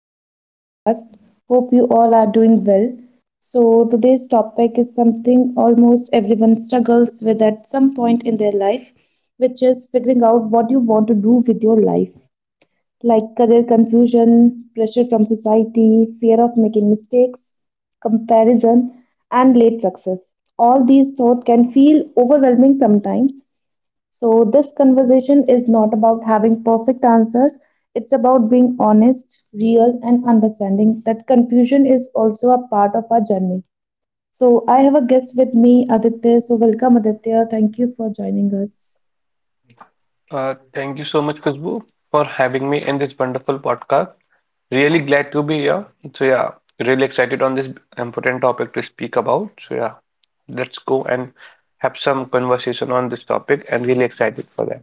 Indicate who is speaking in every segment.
Speaker 1: back to the podcast. Hope you all are doing well. So, today's topic is something almost everyone struggles with at some point in their life, which is figuring out what you want to do with your life, like career confusion, pressure from society, fear of making mistakes, comparison, and late success. All these thoughts can feel overwhelming sometimes, so this conversation is not about having perfect answers. It's about being honest, real, and understanding that confusion is also a part of our journey. So, I have a guest with me, Aditya. So, welcome, Aditya. Thank you for joining us.
Speaker 2: Thank you so much, Khushbu, for having me in this wonderful podcast. Really glad to be here. So yeah, really excited on this important topic to speak about. So yeah, let's go and have some conversation on this topic and really excited for that.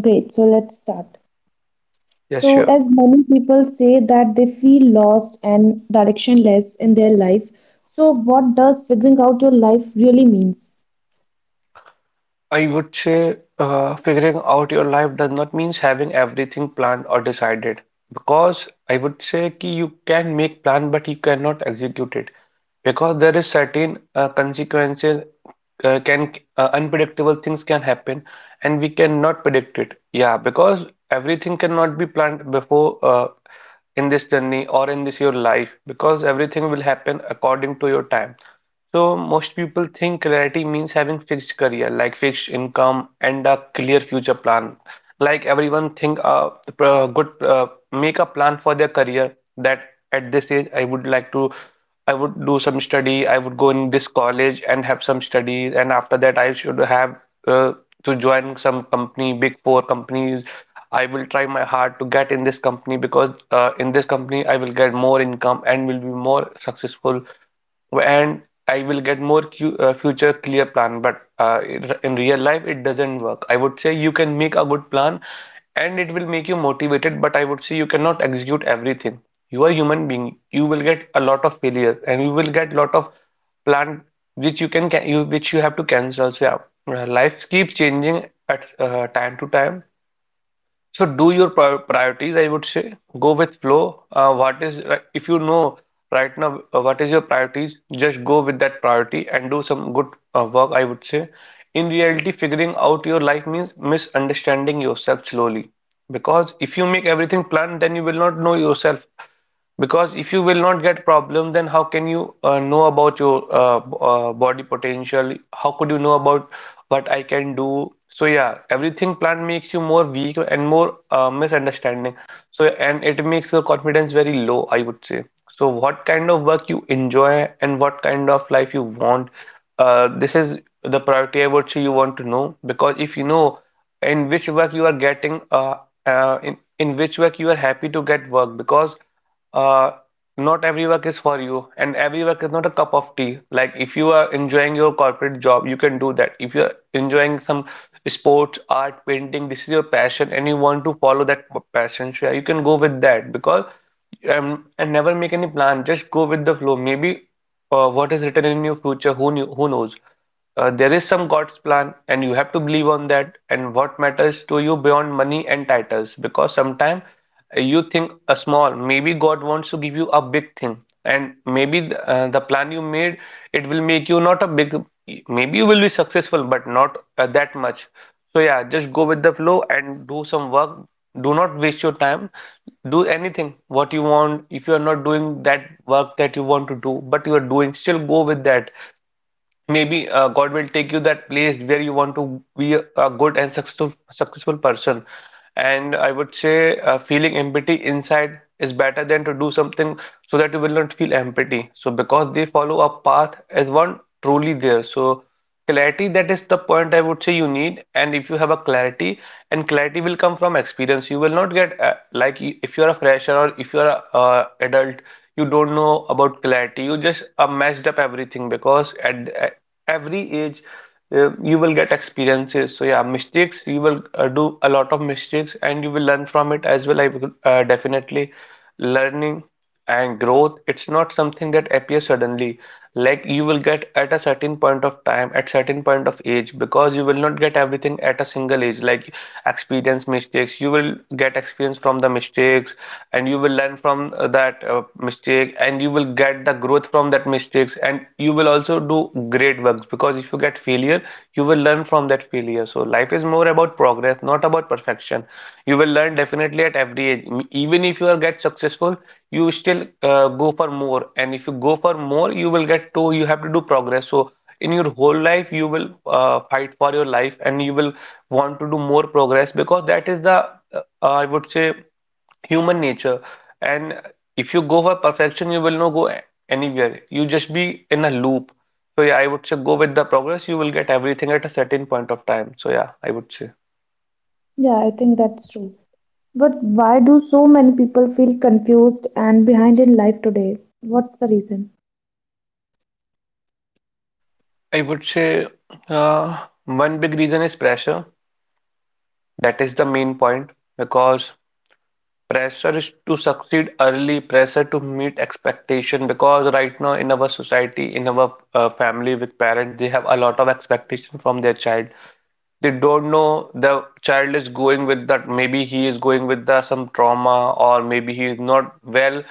Speaker 1: Great. So, let's start.
Speaker 2: Yeah,
Speaker 1: So,
Speaker 2: sure.
Speaker 1: as many people say that they feel lost and directionless in their life, so what does figuring out your life really means?
Speaker 2: I would say figuring out your life does not mean having everything planned or decided because I would say ki you can make plan but you cannot execute it. Because there is certain consequences can unpredictable things can happen and we cannot predict it, yeah, because everything cannot be planned before, in this journey or in this your life because everything will happen according to your time. So most people think clarity means having fixed career, like fixed income and a clear future plan. Like everyone think the pro- good make a plan for their career that at this age I would like to I would do some study. I would go in this college and have some studies, and after that, I should have uh, to join some company, big four companies. I will try my hard to get in this company because in this company I will get more income and will be more successful and I will get more future clear plan. But in real life, it doesn't work. I would say you can make a good plan and it will make you motivated, but I would say you cannot execute everything. You are a human being. You will get a lot of failures and you will get a lot of plan which you can you which you have to cancel. So yeah, life keeps changing at time to time. So do your priorities, I would say. Go with flow. If you know right now what is your priorities, just go with that priority and do some good work, I would say. In reality, figuring out your life means misunderstanding yourself slowly. Because if you make everything planned, then you will not know yourself. Because if you will not get problem, then how can you know about your body potential? How could you know about what I can do? So yeah, everything plan makes you more weak and more misunderstanding. So and it makes your confidence very low, I would say. So what kind of work you enjoy and what kind of life you want? This is the priority I would say you want to know because if you know in which work you are getting in which work you are happy to get work because uh not every work is for you and every work is not a cup of tea, like if you are enjoying your corporate job you can do that. If you are enjoying some sports, art, painting, this is your passion and you want to follow that passion, so yeah, you can go with that because and never make any plan, just go with the flow. Maybe what is written in your future, who knows, there is some God's plan, and you have to believe on that. And what matters to you beyond money and titles, because sometimes you think a small, maybe God wants to give you a big thing, and maybe the plan you made, it will make you not a big. Maybe you will be successful, but not that much. So yeah, just go with the flow and do some work. Do not waste your time. Do anything what you want. If you are not doing that work that you want to do, but you are doing, still go with that. Maybe God will take you that place where you want to be a good and successful person. And I would say feeling empathy inside is better than to do something so that you will not feel empathy. So because they follow a path as one truly there. So clarity, that is the point I would say you need. And if you have a clarity, and clarity will come from experience. You will not get if you are a fresher or if you are a adult, you don't know about clarity. You just messed up everything because at every age you will get experiences. So yeah, mistakes, you will do a lot of mistakes and you will learn from it as well. I will definitely learning and growth, it's not something that appears suddenly, like you will get at a certain point of time at certain point of age, because you will not get everything at a single age. Like experience, mistakes, you will get experience from the mistakes and you will learn from that mistake and you will get the growth from that mistakes and you will also do great works because if you get failure, you will learn from that failure. So life is more about progress, not about perfection. You will learn definitely at every age. Even if you are get successful, you still go for more, and if you go for more, you will get to you have to do progress. So in your whole life you will fight for your life and you will want to do more progress because that is the I would say human nature. And if you go for perfection, you will not go anywhere, you just be in a loop. So yeah, I would say go with the progress, you will get everything at a certain point of time. So yeah, I would say
Speaker 1: Yeah, I think that's true. But why do so many people feel confused and behind in life today? What's the reason?
Speaker 2: i would say uh, one big reason is pressure. That is the main point. Because pressure is to succeed early, pressure to meet expectation, because right now in our society, in our family with parents, they have a lot of expectation from their child. They don't know the child is going with that, maybe he is going with the some trauma or maybe he is not well.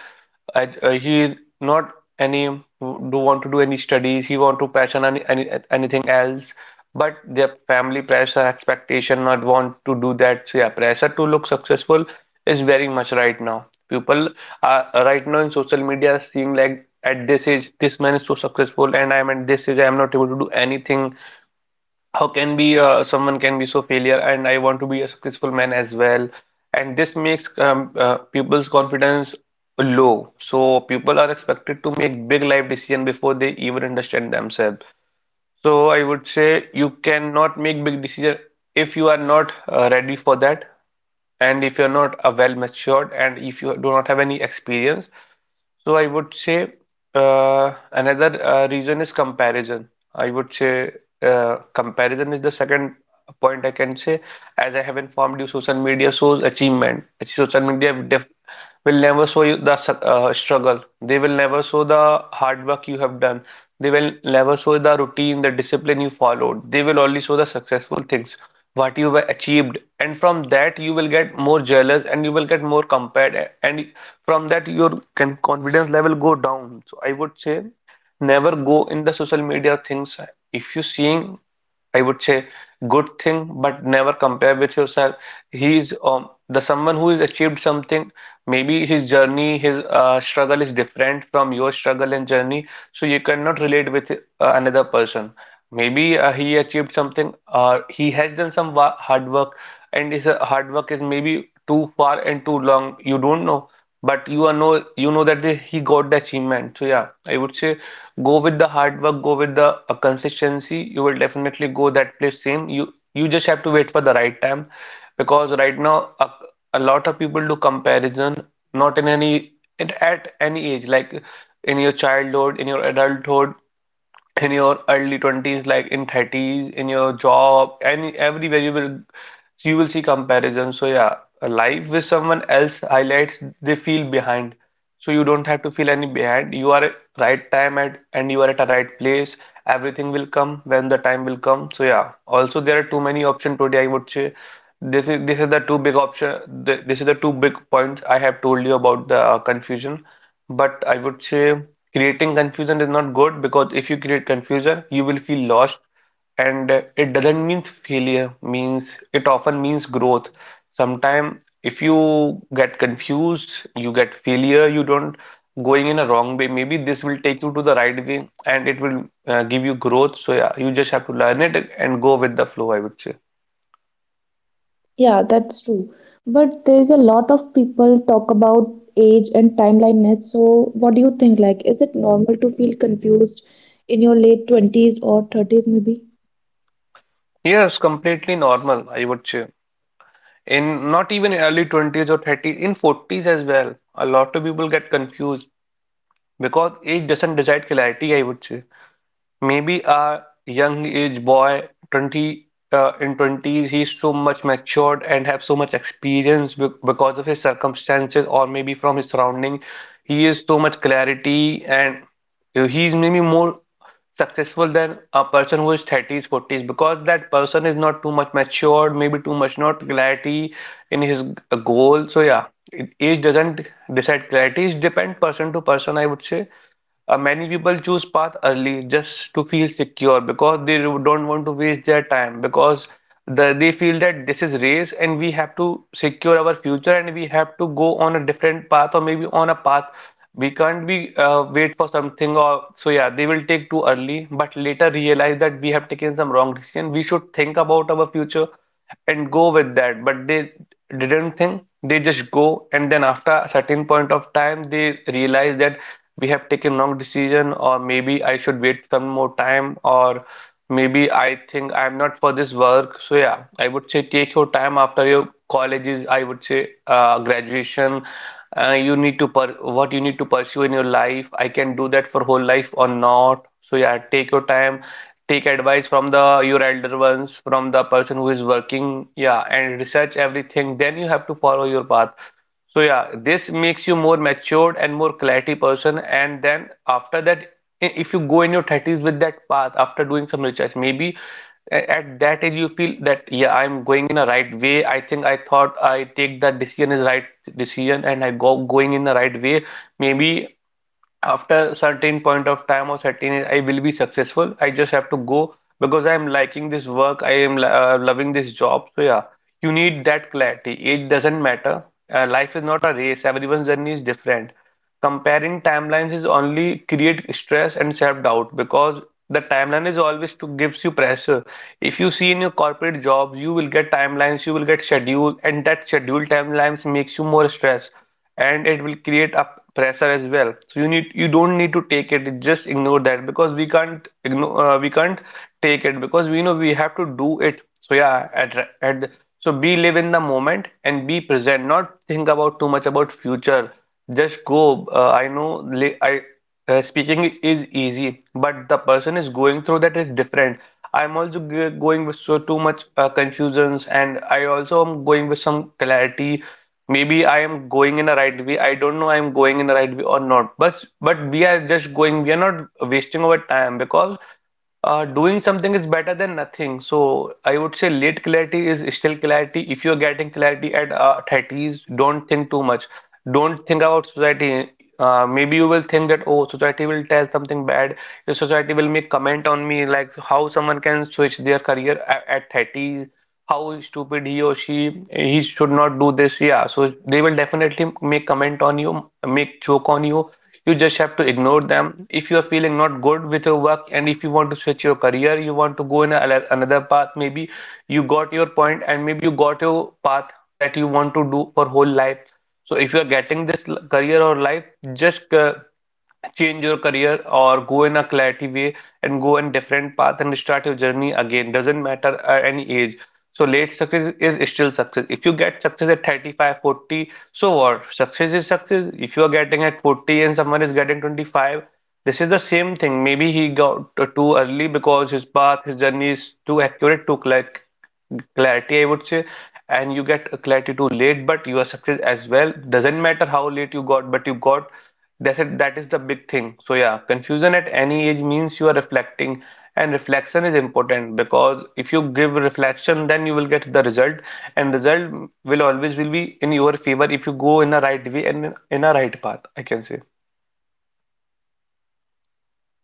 Speaker 2: He is not any do want to do any studies, he want to passion anything else, but their family pressure expectation not want to do that. So yeah, pressure to look successful is very much right now. People are right now in social media seeing like, at this age this man is so successful and I am at this age I am not able to do anything. How can be someone can be so failure, and I want to be a successful man as well. And this makes people's confidence low. So people are expected to make big life decision before they even understand themselves. So I would say you cannot make big decision if you are not ready for that, and if you're not well matured and if you do not have any experience. So I would say another reason is comparison. I would say comparison is the second point I can say. As I have informed you, social media shows achievement. Social media def will never show you the struggle. They will never show the hard work you have done. They will never show the routine, the discipline you followed. They will only show the successful things, what you have achieved. And from that, you will get more jealous and you will get more compared. And from that your can confidence level go down. So I would say never go in the social media things. If you seeing, I would say, good thing, but never compare with yourself. He's the someone who has achieved something. Maybe his journey, his struggle is different from your struggle and journey, so you cannot relate with another person. Maybe he achieved something, he has done some wa hard work, and his hard work is maybe too far and too long. You don't know, but you know that the, he got the achievement. So yeah, I would say go with the hard work, go with the consistency. You will definitely go that place same. You just have to wait for the right time, because right now a lot of people do comparison, not in any at any age, like in your childhood, in your adulthood, in your early 20s, like in 30s, in your job, any everywhere you will, so you will see comparisons. So yeah, a life with someone else highlights, they feel behind. So you don't have to feel any behind. You are at right time at and you are at a right place. Everything will come when the time will come. So yeah. Also there are too many options today, I would say. This is the two big option. This is the two big points I have told you about the confusion. But I would say creating confusion is not good because if you create confusion, you will feel lost. And it doesn't mean failure, means it often means growth. Sometimes if you get confused, you get failure, you don't going in a wrong way. Maybe this will take you to the right way and it will give you growth. So yeah, you just have to learn it and go with the flow, I would say.
Speaker 1: Yeah, that's true. But there is a lot of people talk about age and timeliness. So what do you think? Like, is it normal to feel confused in your late 20s or 30s maybe?
Speaker 2: Yes, completely normal, I would say. In not even early 20s or 30s, in 40s as well, a lot of people get confused because age doesn't decide clarity, I would say. Maybe a young age boy, 20 uh, in 20s, he's so much matured and have so much experience because of his circumstances or maybe from his surrounding. He is so much clarity and he maybe more successful than a person who is 30s, 40s because that person is not too much matured, maybe too much not clarity in his goal. So yeah, age doesn't decide clarity. It depends person to person, I would say. Many people choose path early just to feel secure because they not want to waste their time because they feel that this is race and we have to secure our future and we have to go on a different path or maybe on a path we can't be wait for something. Or so yeah, they will take too early but later realize that we have taken some wrong decision, we should think about our future and go with that, but they didn't think, they just go. And then after a certain point of time they realize that we have taken wrong decision, or maybe I should wait some more time, or maybe I think I'm not for this work. So yeah, I would say take your time after your colleges, I would say graduation. You need to per what you need to pursue in your life. I can do that for whole life or not. So yeah, take your time, take advice from the your elder ones, from the person who is working. Yeah, and research everything. Then you have to follow your path. So yeah, this makes you more matured and more clarity person. And then after that, if you go in your 30s with that path after doing some research, maybe at that age you feel that yeah, I'm going in the right way. I think I thought I take that decision is right decision and I go going in the right way. Maybe after certain point of time or certain I will be successful, I just have to go because I am liking this work, I am loving this job. So yeah, you need that clarity, age doesn't matter. Uh, life is not a race, everyone's journey is different. Comparing timelines is only create stress and self-doubt because the timeline is always to gives you pressure. If you see in your corporate jobs, you will get timelines, you will get schedule, and that schedule timelines makes you more stress, and it will create a pressure as well. So you need you don't need to take it. Just ignore that because we can't ignore, we can't take it because we know we have to do it. So yeah, at so be live in the moment and be present. Not think about too much about future, just go. I know li- I speaking is easy, but the person is going through that is different. I'm also g going with so too much confusions, and I also am going with some clarity. Maybe I am going in a right way. I don't know I am going in the right way or not. But we are just going. We are not wasting our time because doing something is better than nothing. So I would say late clarity is still clarity. If you're getting clarity at 30s, don't think too much. Don't think about society. Maybe you will think that, oh, society will tell something bad. The society will make comment on me, like how someone can switch their career at 30s, how stupid he or she, he should not do this. Yeah, so they will definitely make comment on you, make joke on you. You just have to ignore them. If you are feeling not good with your work and if you want to switch your career, you want to go in another path, maybe you got your point and maybe you got your path that you want to do for whole life. So if you are getting this career or life, just change your career or go in a clarity way and go in different path and start your journey again. Doesn't matter at any age. So late success is still success. If you get success at 35, 40, so what? Success is success. If you are getting at 40 and someone is getting 25, this is the same thing. Maybe he got too early because his path, his journey is too accurate, too clear, clarity, I would say, and you get a clarity too late, but you are success as well. Doesn't matter how late you got, but you got. That's it. That is the big thing. So yeah, confusion at any age means you are reflecting, and reflection is important because if you give reflection, then you will get the result, and result will always will be in your favor if you go in a right way and in a right path, I can say.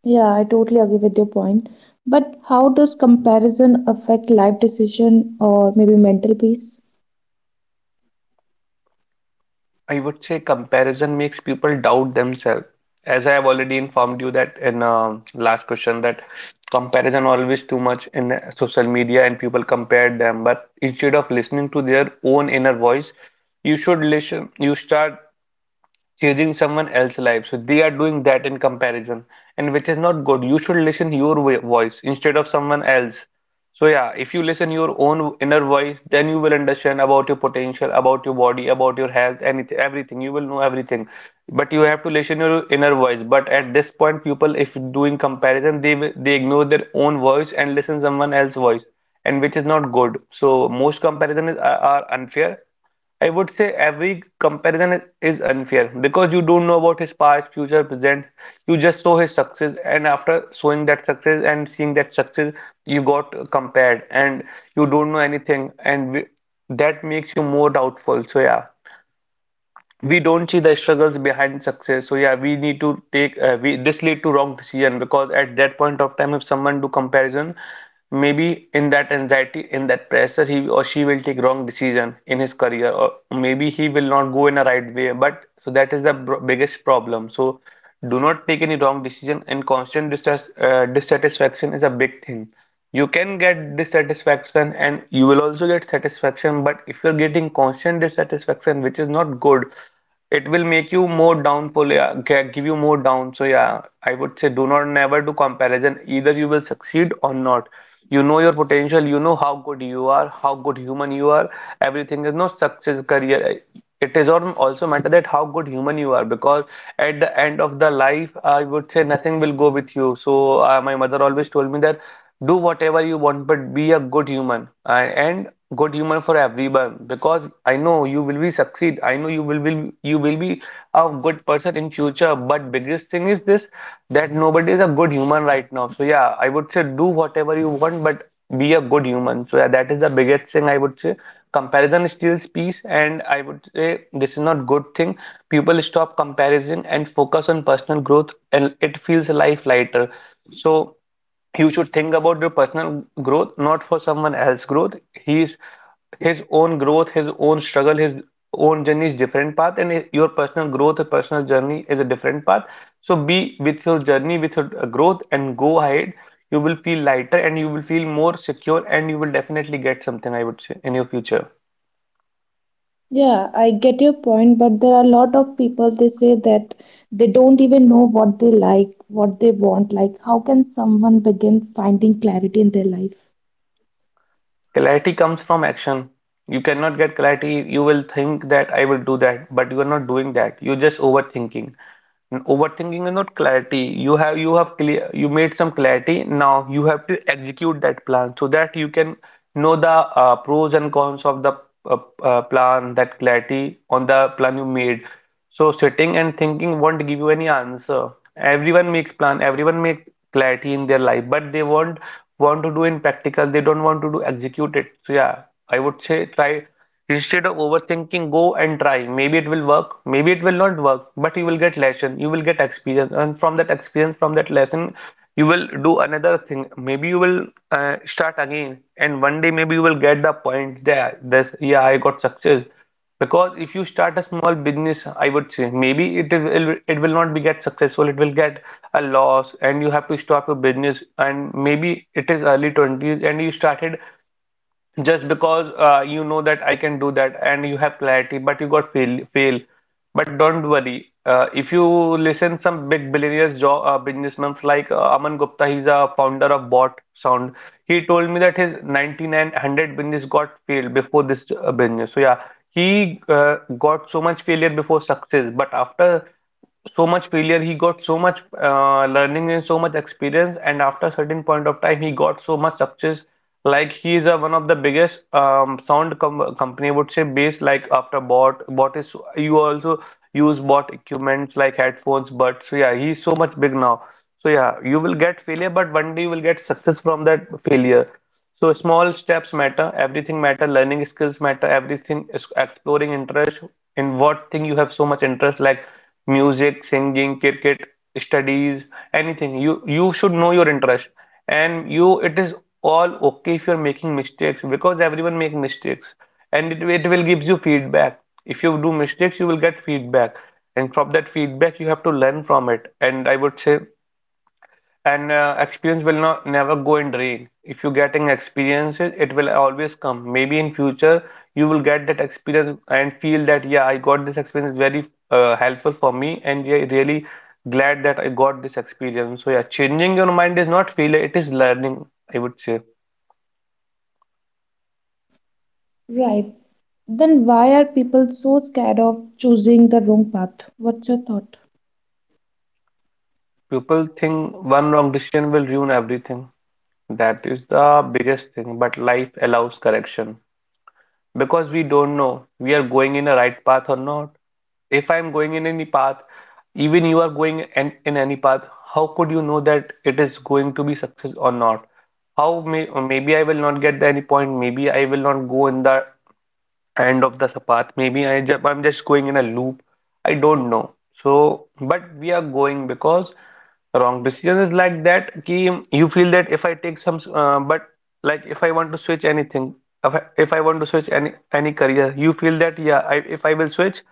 Speaker 1: Yeah, I totally agree with your point. But how does comparison affect life decision or maybe mental peace?
Speaker 2: I would say comparison makes people doubt themselves. As I have already informed you that in last question that comparison always too much in social media and people compare them. But instead of listening to their own inner voice, you should listen. You start changing someone else's life. So they are doing that in comparison, and which is not good. You should listen your voice instead of someone else. So yeah, if you listen your own inner voice, then you will understand about your potential, about your body, about your health, anything, everything. You will know everything. But you have to listen your inner voice. But at this point, people, if doing comparison, they ignore their own voice and listen someone else's voice, and which is not good. So most comparison is, are unfair. I would say every comparison is unfair because you don't know about his past, future, present. You just saw his success, and after showing that success and seeing that success, you got compared, and you don't know anything, that makes you more doubtful. So yeah, we don't see the struggles behind success. So yeah, we need to take, we this lead to wrong decision, because at that point of time if someone do comparison, maybe in that anxiety, in that pressure, he or she will take wrong decision in his career, or maybe he will not go in a right way. But so that is the biggest problem. So do not take any wrong decision. And constant dissatisfaction is a big thing. You can get dissatisfaction and you will also get satisfaction, but if you're getting constant dissatisfaction, which is not good, it will make you more downfall, yeah, give you more down. So yeah, I would say do not never do comparison. Either you will succeed or not. You know your potential, you know how good you are, how good human you are. Everything is not success, career. It is also matter that how good human you are, because at the end of the life, I would say nothing will go with you. So my mother always told me that do whatever you want, but be a good human. And good humor for everyone, because I know you will be succeed, I know you will be, you will be a good person in future. But biggest thing is this, that nobody is a good human right now. So yeah, I would say do whatever you want, but be a good human. So yeah, that is the biggest thing, I would say. Comparison steals peace, and I would say this is not good thing. People stop comparison and focus on personal growth and it feels life lighter. So you should think about your personal growth, not for someone else's growth. He's His own growth, his own struggle, his own journey is different path, and your personal growth, personal journey is a different path. So be with your journey, with your growth, and go ahead. You will feel lighter and you will feel more secure, and you will definitely get something, I would say, in your future.
Speaker 1: Yeah, I get your point, but there are a lot of people they say that they don't even know what they like, what they want. Like, how can someone begin finding clarity in their life?
Speaker 2: Clarity comes from action. You cannot get clarity. You will think that I will do that, but you are not doing that. You're just overthinking. And overthinking is not clarity. You have clear you made some clarity. Now you have to execute that plan so that you can know the pros and cons of the uh, plan, that clarity on the plan you made. So sitting and thinking won't give you any answer. Everyone makes plan, everyone makes clarity in their life, but they won't want to do in practical. They don't want to do execute it. So yeah, I would say try. Instead of overthinking, go and try. Maybe it will work, maybe it will not work, but you will get lesson, you will get experience, and from that experience, from that lesson, you will do another thing. Maybe you will start again, and one day maybe you will get the point there. This, yeah, I got success. Because if you start a small business, I would say maybe it will not be get successful. It will get a loss, and you have to stop your business. And maybe it is early 20s, and you started just because you know that I can do that and you have clarity, but you got fail. But don't worry, if you listen some big billionaires, jo businessmen like Aman Gupta, he's a founder of Bot Sound. He told me that his 9900 business got failed before this business. So yeah, he got so much failure before success, but after so much failure he got so much learning and so much experience and after a certain point of time he got so much success like he is one of the biggest sound company I would say based like after bot is you also use bot equipments like headphones but. So yeah he's so much big now. So yeah you will get failure but one day you will get success from that failure. So small steps matter, everything matter, learning skills matter, everything is exploring interest in what thing you have so much interest like music, singing, cricket, studies, anything. You should know your interest. And you it is all okay if you're making mistakes because everyone make mistakes and it will gives you feedback. If you do mistakes, you will get feedback. And from that feedback, you have to learn from it. And I would say and experience will not never go in drain. If you're getting experiences, it will always come. Maybe in future you will get that experience and feel that yeah, I got this experience very helpful for me, and yeah, really glad that I got this experience. So yeah, changing your mind is not failure; it is learning, I would say.
Speaker 1: Right. Then why are people so scared of choosing the wrong path? What's your thought?
Speaker 2: People think one wrong decision will ruin everything. That is the biggest thing. But life allows correction because we don't know we are going in a right path or not. If I'm going in any path, even you are going in any path, how could you know that it is going to be success or not? How maybe I will not get any point, maybe I will not go in the end of the path. Maybe I'm just going in a loop. I don't know. So, but we are going because wrong decision is like that. Ki you feel that if I take some, but like if I want to switch anything, if I want to switch any career, you feel that yeah, I, if I will switch,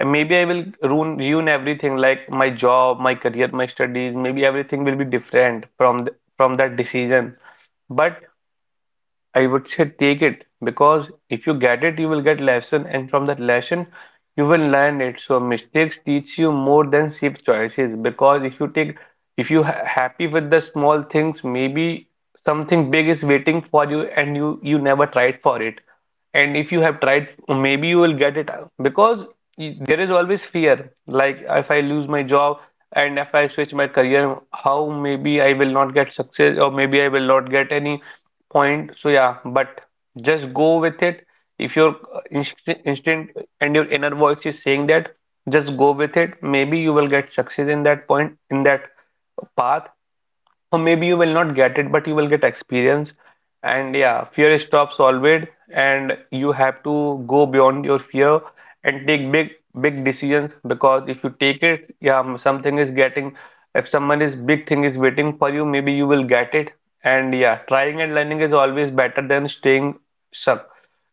Speaker 2: I, maybe I will ruin everything like my job, my career, my studies. Maybe everything will be different from th from that decision. But I would say take it because if you get it, you will get lesson, and from that lesson, you will learn it. So mistakes teach you more than safe choices because if you take, if you ha happy with the small things, maybe something big is waiting for you, and you never tried for it. And if you have tried, maybe you will get it because there is always fear. Like if I lose my job and if I switch my career, how maybe I will not get success or maybe I will not get any point. So yeah, but just go with it. If your instinct and your inner voice is saying that, just go with it. Maybe you will get success in that point, in that path, or maybe you will not get it but you will get experience. And yeah, fear stops always, and you have to go beyond your fear and take big decisions because if you take it yeah something is getting if someone is big thing is waiting for you maybe you will get it. And yeah, trying and learning is always better than staying stuck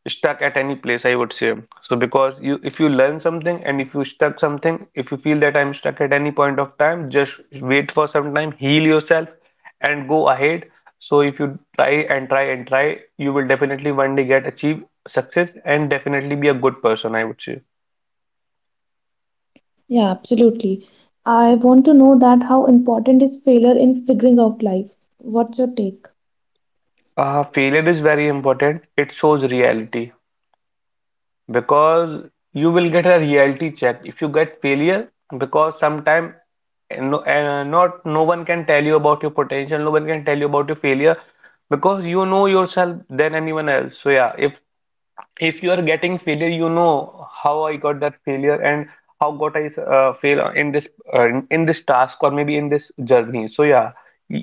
Speaker 2: stuck at any place, I would say. So because you if you learn something and if you stuck something if you feel that I'm stuck at any point of time, just wait for some time, heal yourself and go ahead. So if you try and try and try, you will definitely one day get achieve success and definitely be a good person, I would say.
Speaker 1: Yeah, absolutely. I want to know that how important is failure in figuring out life? What's your take?
Speaker 2: Failure is very important. It shows reality because you will get a reality check if you get failure because sometimes, no, and not no one can tell you about your potential, no one can tell you about your failure because you know yourself than anyone else. So yeah, if you are getting failure you know how I got that failure and how got I fail in this task or maybe in this journey. So yeah,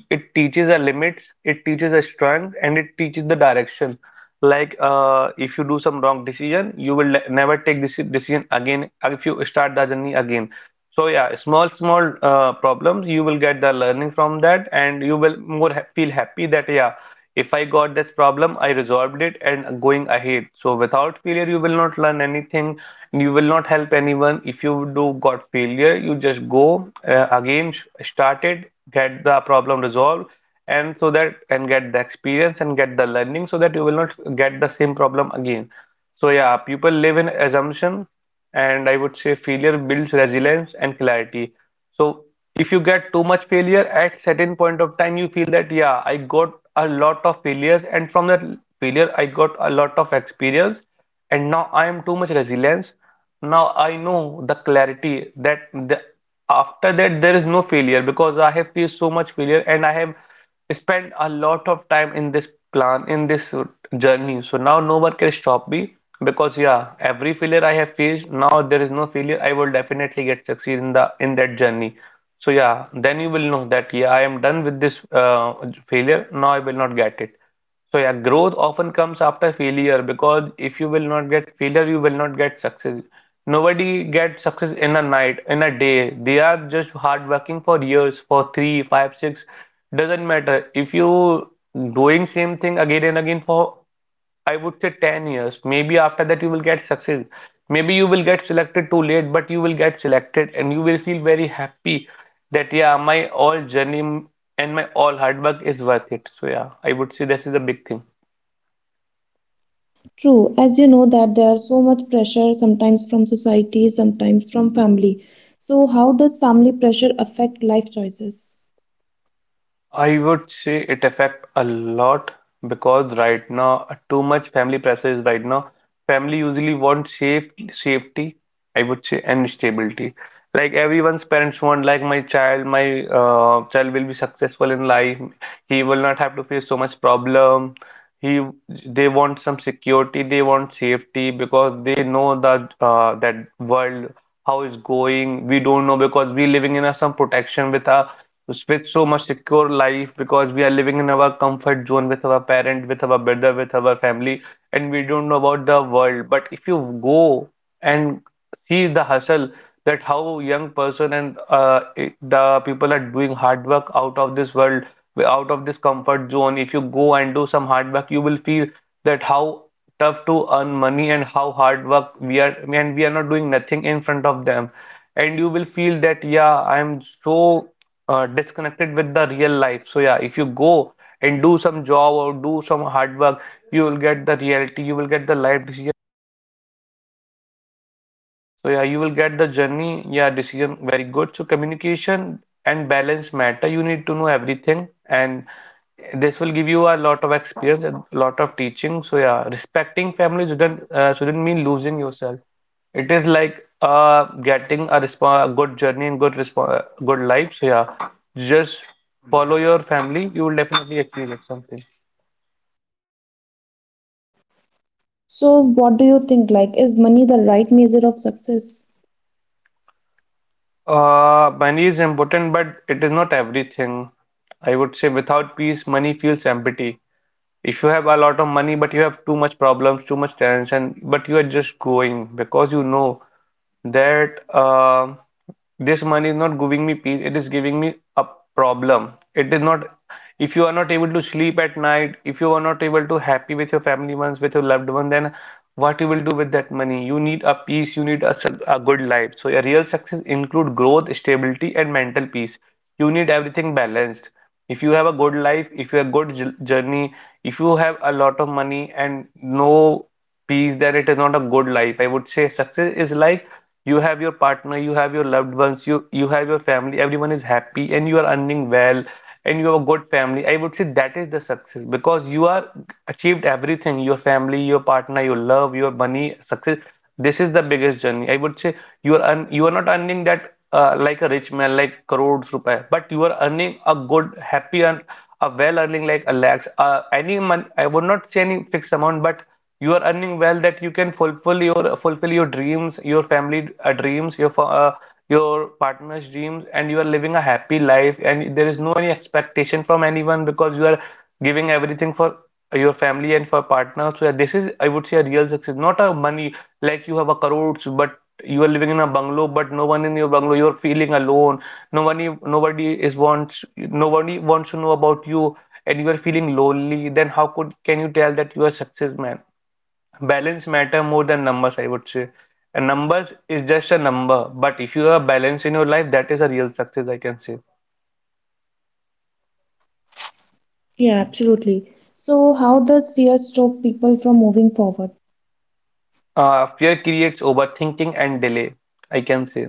Speaker 2: it teaches our limits, it teaches our strength, and it teaches the direction. Like if you do some wrong decision you will never take this decision again if you start the journey again. So yeah, small small problems you will get the learning from that, and you will more ha feel happy that yeah, if I got this problem, I resolved it and going ahead. So without failure, you will not learn anything, and you will not help anyone. If you do got failure, you just go again, start it, get the problem resolved, and so that and get the experience and get the learning so that you will not get the same problem again. So yeah, people live in assumption, and I would say failure builds resilience and clarity. So if you get too much failure at certain point of time, you feel that yeah, I got a lot of failures, and from that failure, I got a lot of experience, and now I am too much resilience. Now I know the clarity that the, after that there is no failure because I have faced so much failure and I have spend a lot of time in this plan in this journey. So now no one can stop me because yeah every failure I have faced, now there is no failure, I will definitely get succeed in the in that journey. So yeah, then you will know that yeah I am done with this failure, now I will not get it. So yeah, growth often comes after failure because if you will not get failure, you will not get success. Nobody gets success in a night, in a day. They are just hard working for years, for three, five, six, doesn't matter. If you doing same thing again and again for I would say 10 years, maybe after that you will get success. Maybe you will get selected too late, but you will get selected and you will feel very happy that yeah, my all journey and my all hard work is worth it. So yeah, I would say this is a big thing.
Speaker 1: True, as you know that there are so much pressure sometimes from society, sometimes from family. So how does family pressure affect life choices?
Speaker 2: I would say it affect a lot because right now too much family pressure is right now. Family usually want safety, I would say, and stability. Like everyone's parents want, like my child will be successful in life. He will not have to face so much problem. He, they want some security, they want safety because they know that that world how is going. We don't know because we living in a, some protection with a with so much secure life because we are living in our comfort zone with our parent, with our brother, with our family, and we don't know about the world. But if you go and see the hustle that how young person and the people are doing hard work out of this world, out of this comfort zone. If you go and do some hard work, you will feel that how tough to earn money and how hard work we are, and we are not doing nothing in front of them and you will feel that yeah, I am so disconnected with the real life. So yeah, if you go and do some job or do some hard work, you will get the reality, you will get the life decision. So yeah, you will get the journey, yeah, decision very good. So communication and balance matter. You need to know everything, and this will give you a lot of experience and lot of teaching. So yeah, respecting family shouldn't mean losing yourself. It is like getting a resp good journey and good resp good life. So yeah, just follow your family. You will definitely achieve it something.
Speaker 1: So what do you think like is money the right measure of success?
Speaker 2: Money is important, but it is not everything. I would say without peace, money feels empty. If you have a lot of money, but you have too much problems, too much tension, but you are just going because you know that this money is not giving me peace, it is giving me a problem. It is not, if you are not able to sleep at night, if you are not able to happy with your family ones, with your loved one, then what you will do with that money? You need a peace, you need a good life. So a real success include growth, stability, and mental peace. You need everything balanced. If you have a good life, if you have a good journey, if you have a lot of money and no peace, then it is not a good life. I would say success is like you have your partner, you have your loved ones, you have your family, everyone is happy and you are earning well and you have a good family. I would say that is the success because you are achieved everything, your family, your partner, your love, your money, success. This is the biggest journey, I would say. You are not earning that like a rich man like crores rupees, but you are earning a good happy and a well earning like a lakhs any month. I would not say any fixed amount, but you are earning well that you can fulfill your dreams, your family dreams, uh, your partner's dreams, and you are living a happy life and there is no any expectation from anyone because you are giving everything for your family and for partner. So yeah, this is, I would say, a real success, not a money. Like you have a crores but you are living in a bungalow, but no one in your bungalow, you're feeling alone. nobody nobody is wants nobody wants to know about you and you are feeling lonely, then how could can you tell that you are success man? Balance matter more than numbers, I would say. And numbers is just a number, but if you are balanced in your life, that is a real success, I can say.
Speaker 1: Yeah, absolutely. So how does fear stop people from moving forward?
Speaker 2: Fear creates overthinking and delay, I can say.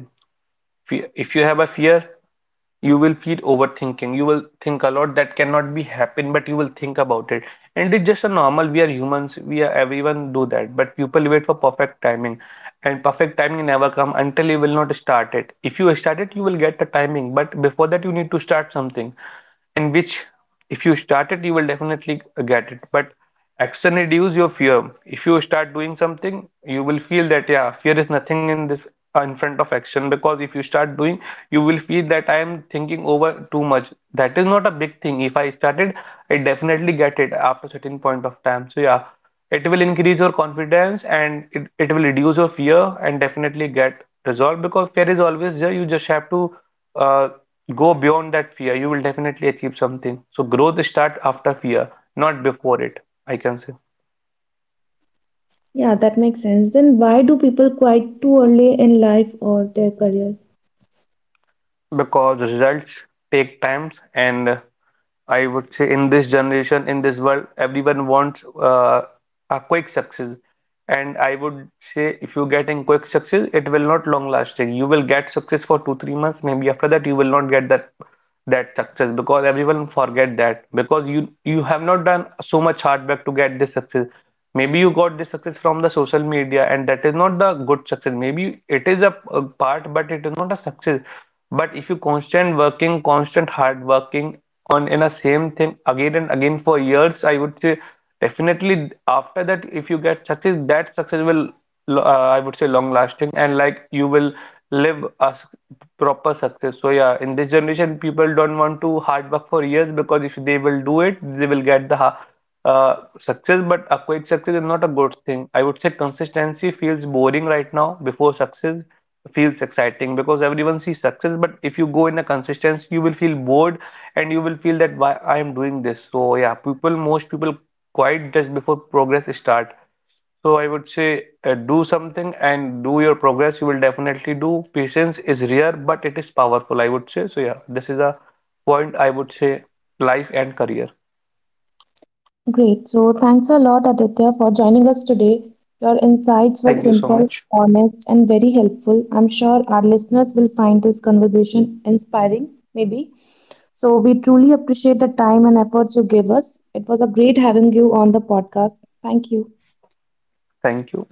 Speaker 2: If you have a fear, you will feel overthinking, you will think a lot that cannot be happen, but you will think about it, and it's just a normal, we are humans, we are everyone do that, but people wait for perfect timing and perfect timing never come until you will not start it. If you start it, you will get the timing, but before that you need to start something in which if you start it, you will definitely get it. But action reduce your fear. If you start doing something, you will feel that yeah, fear is nothing in this in front of action because if you start doing, you will feel that I am thinking over too much. That is not a big thing. If I started, I definitely get it after certain point of time. So yeah, it will increase your confidence and it will reduce your fear and definitely get resolved because fear is always there. You just have to uh, go beyond that fear. You will definitely achieve something. So growth starts after fear, not before it. I can say
Speaker 1: Yeah, that makes sense. Then why do people quit too early in life or their career?
Speaker 2: because results take times and I would say in this generation, in this world, everyone wants a quick success. And I would say if you get in quick success, it will not long lasting. You will get success for two, 3 months. Maybe after that, you will not get that success because everyone forget that because you have not done so much hard work to get this success. Maybe you got this success from the social media, and that is not the good success. Maybe it is a part, but it is not a success. But if you constant working, constant hard working, on in a same thing again and again for years, I would say definitely after that, if you get success, that success will, I would say, long lasting and like you will live a s- proper success. So yeah, in this generation, people don't want to hard work for years because if they will do it, they will get the success. But a quick success is not a good thing. I would say consistency feels boring right now before success feels exciting because everyone sees success, but if you go in a consistency, you will feel bored and you will feel that why I am doing this. So yeah, people, most people quite just before progress start. So I would say do something and do your progress. You will definitely do. Patience is rare, but it is powerful, I would say. So yeah, this is a point I would say life and career.
Speaker 1: Great. So thanks a lot, Aditya, for joining us today. Your insights were
Speaker 2: Thank you so
Speaker 1: simple,
Speaker 2: much.
Speaker 1: honest, and very helpful. I'm sure our listeners will find this conversation inspiring, maybe. So we truly appreciate the time and efforts you gave us. It was a great having you on the podcast. Thank you.
Speaker 2: Thank you.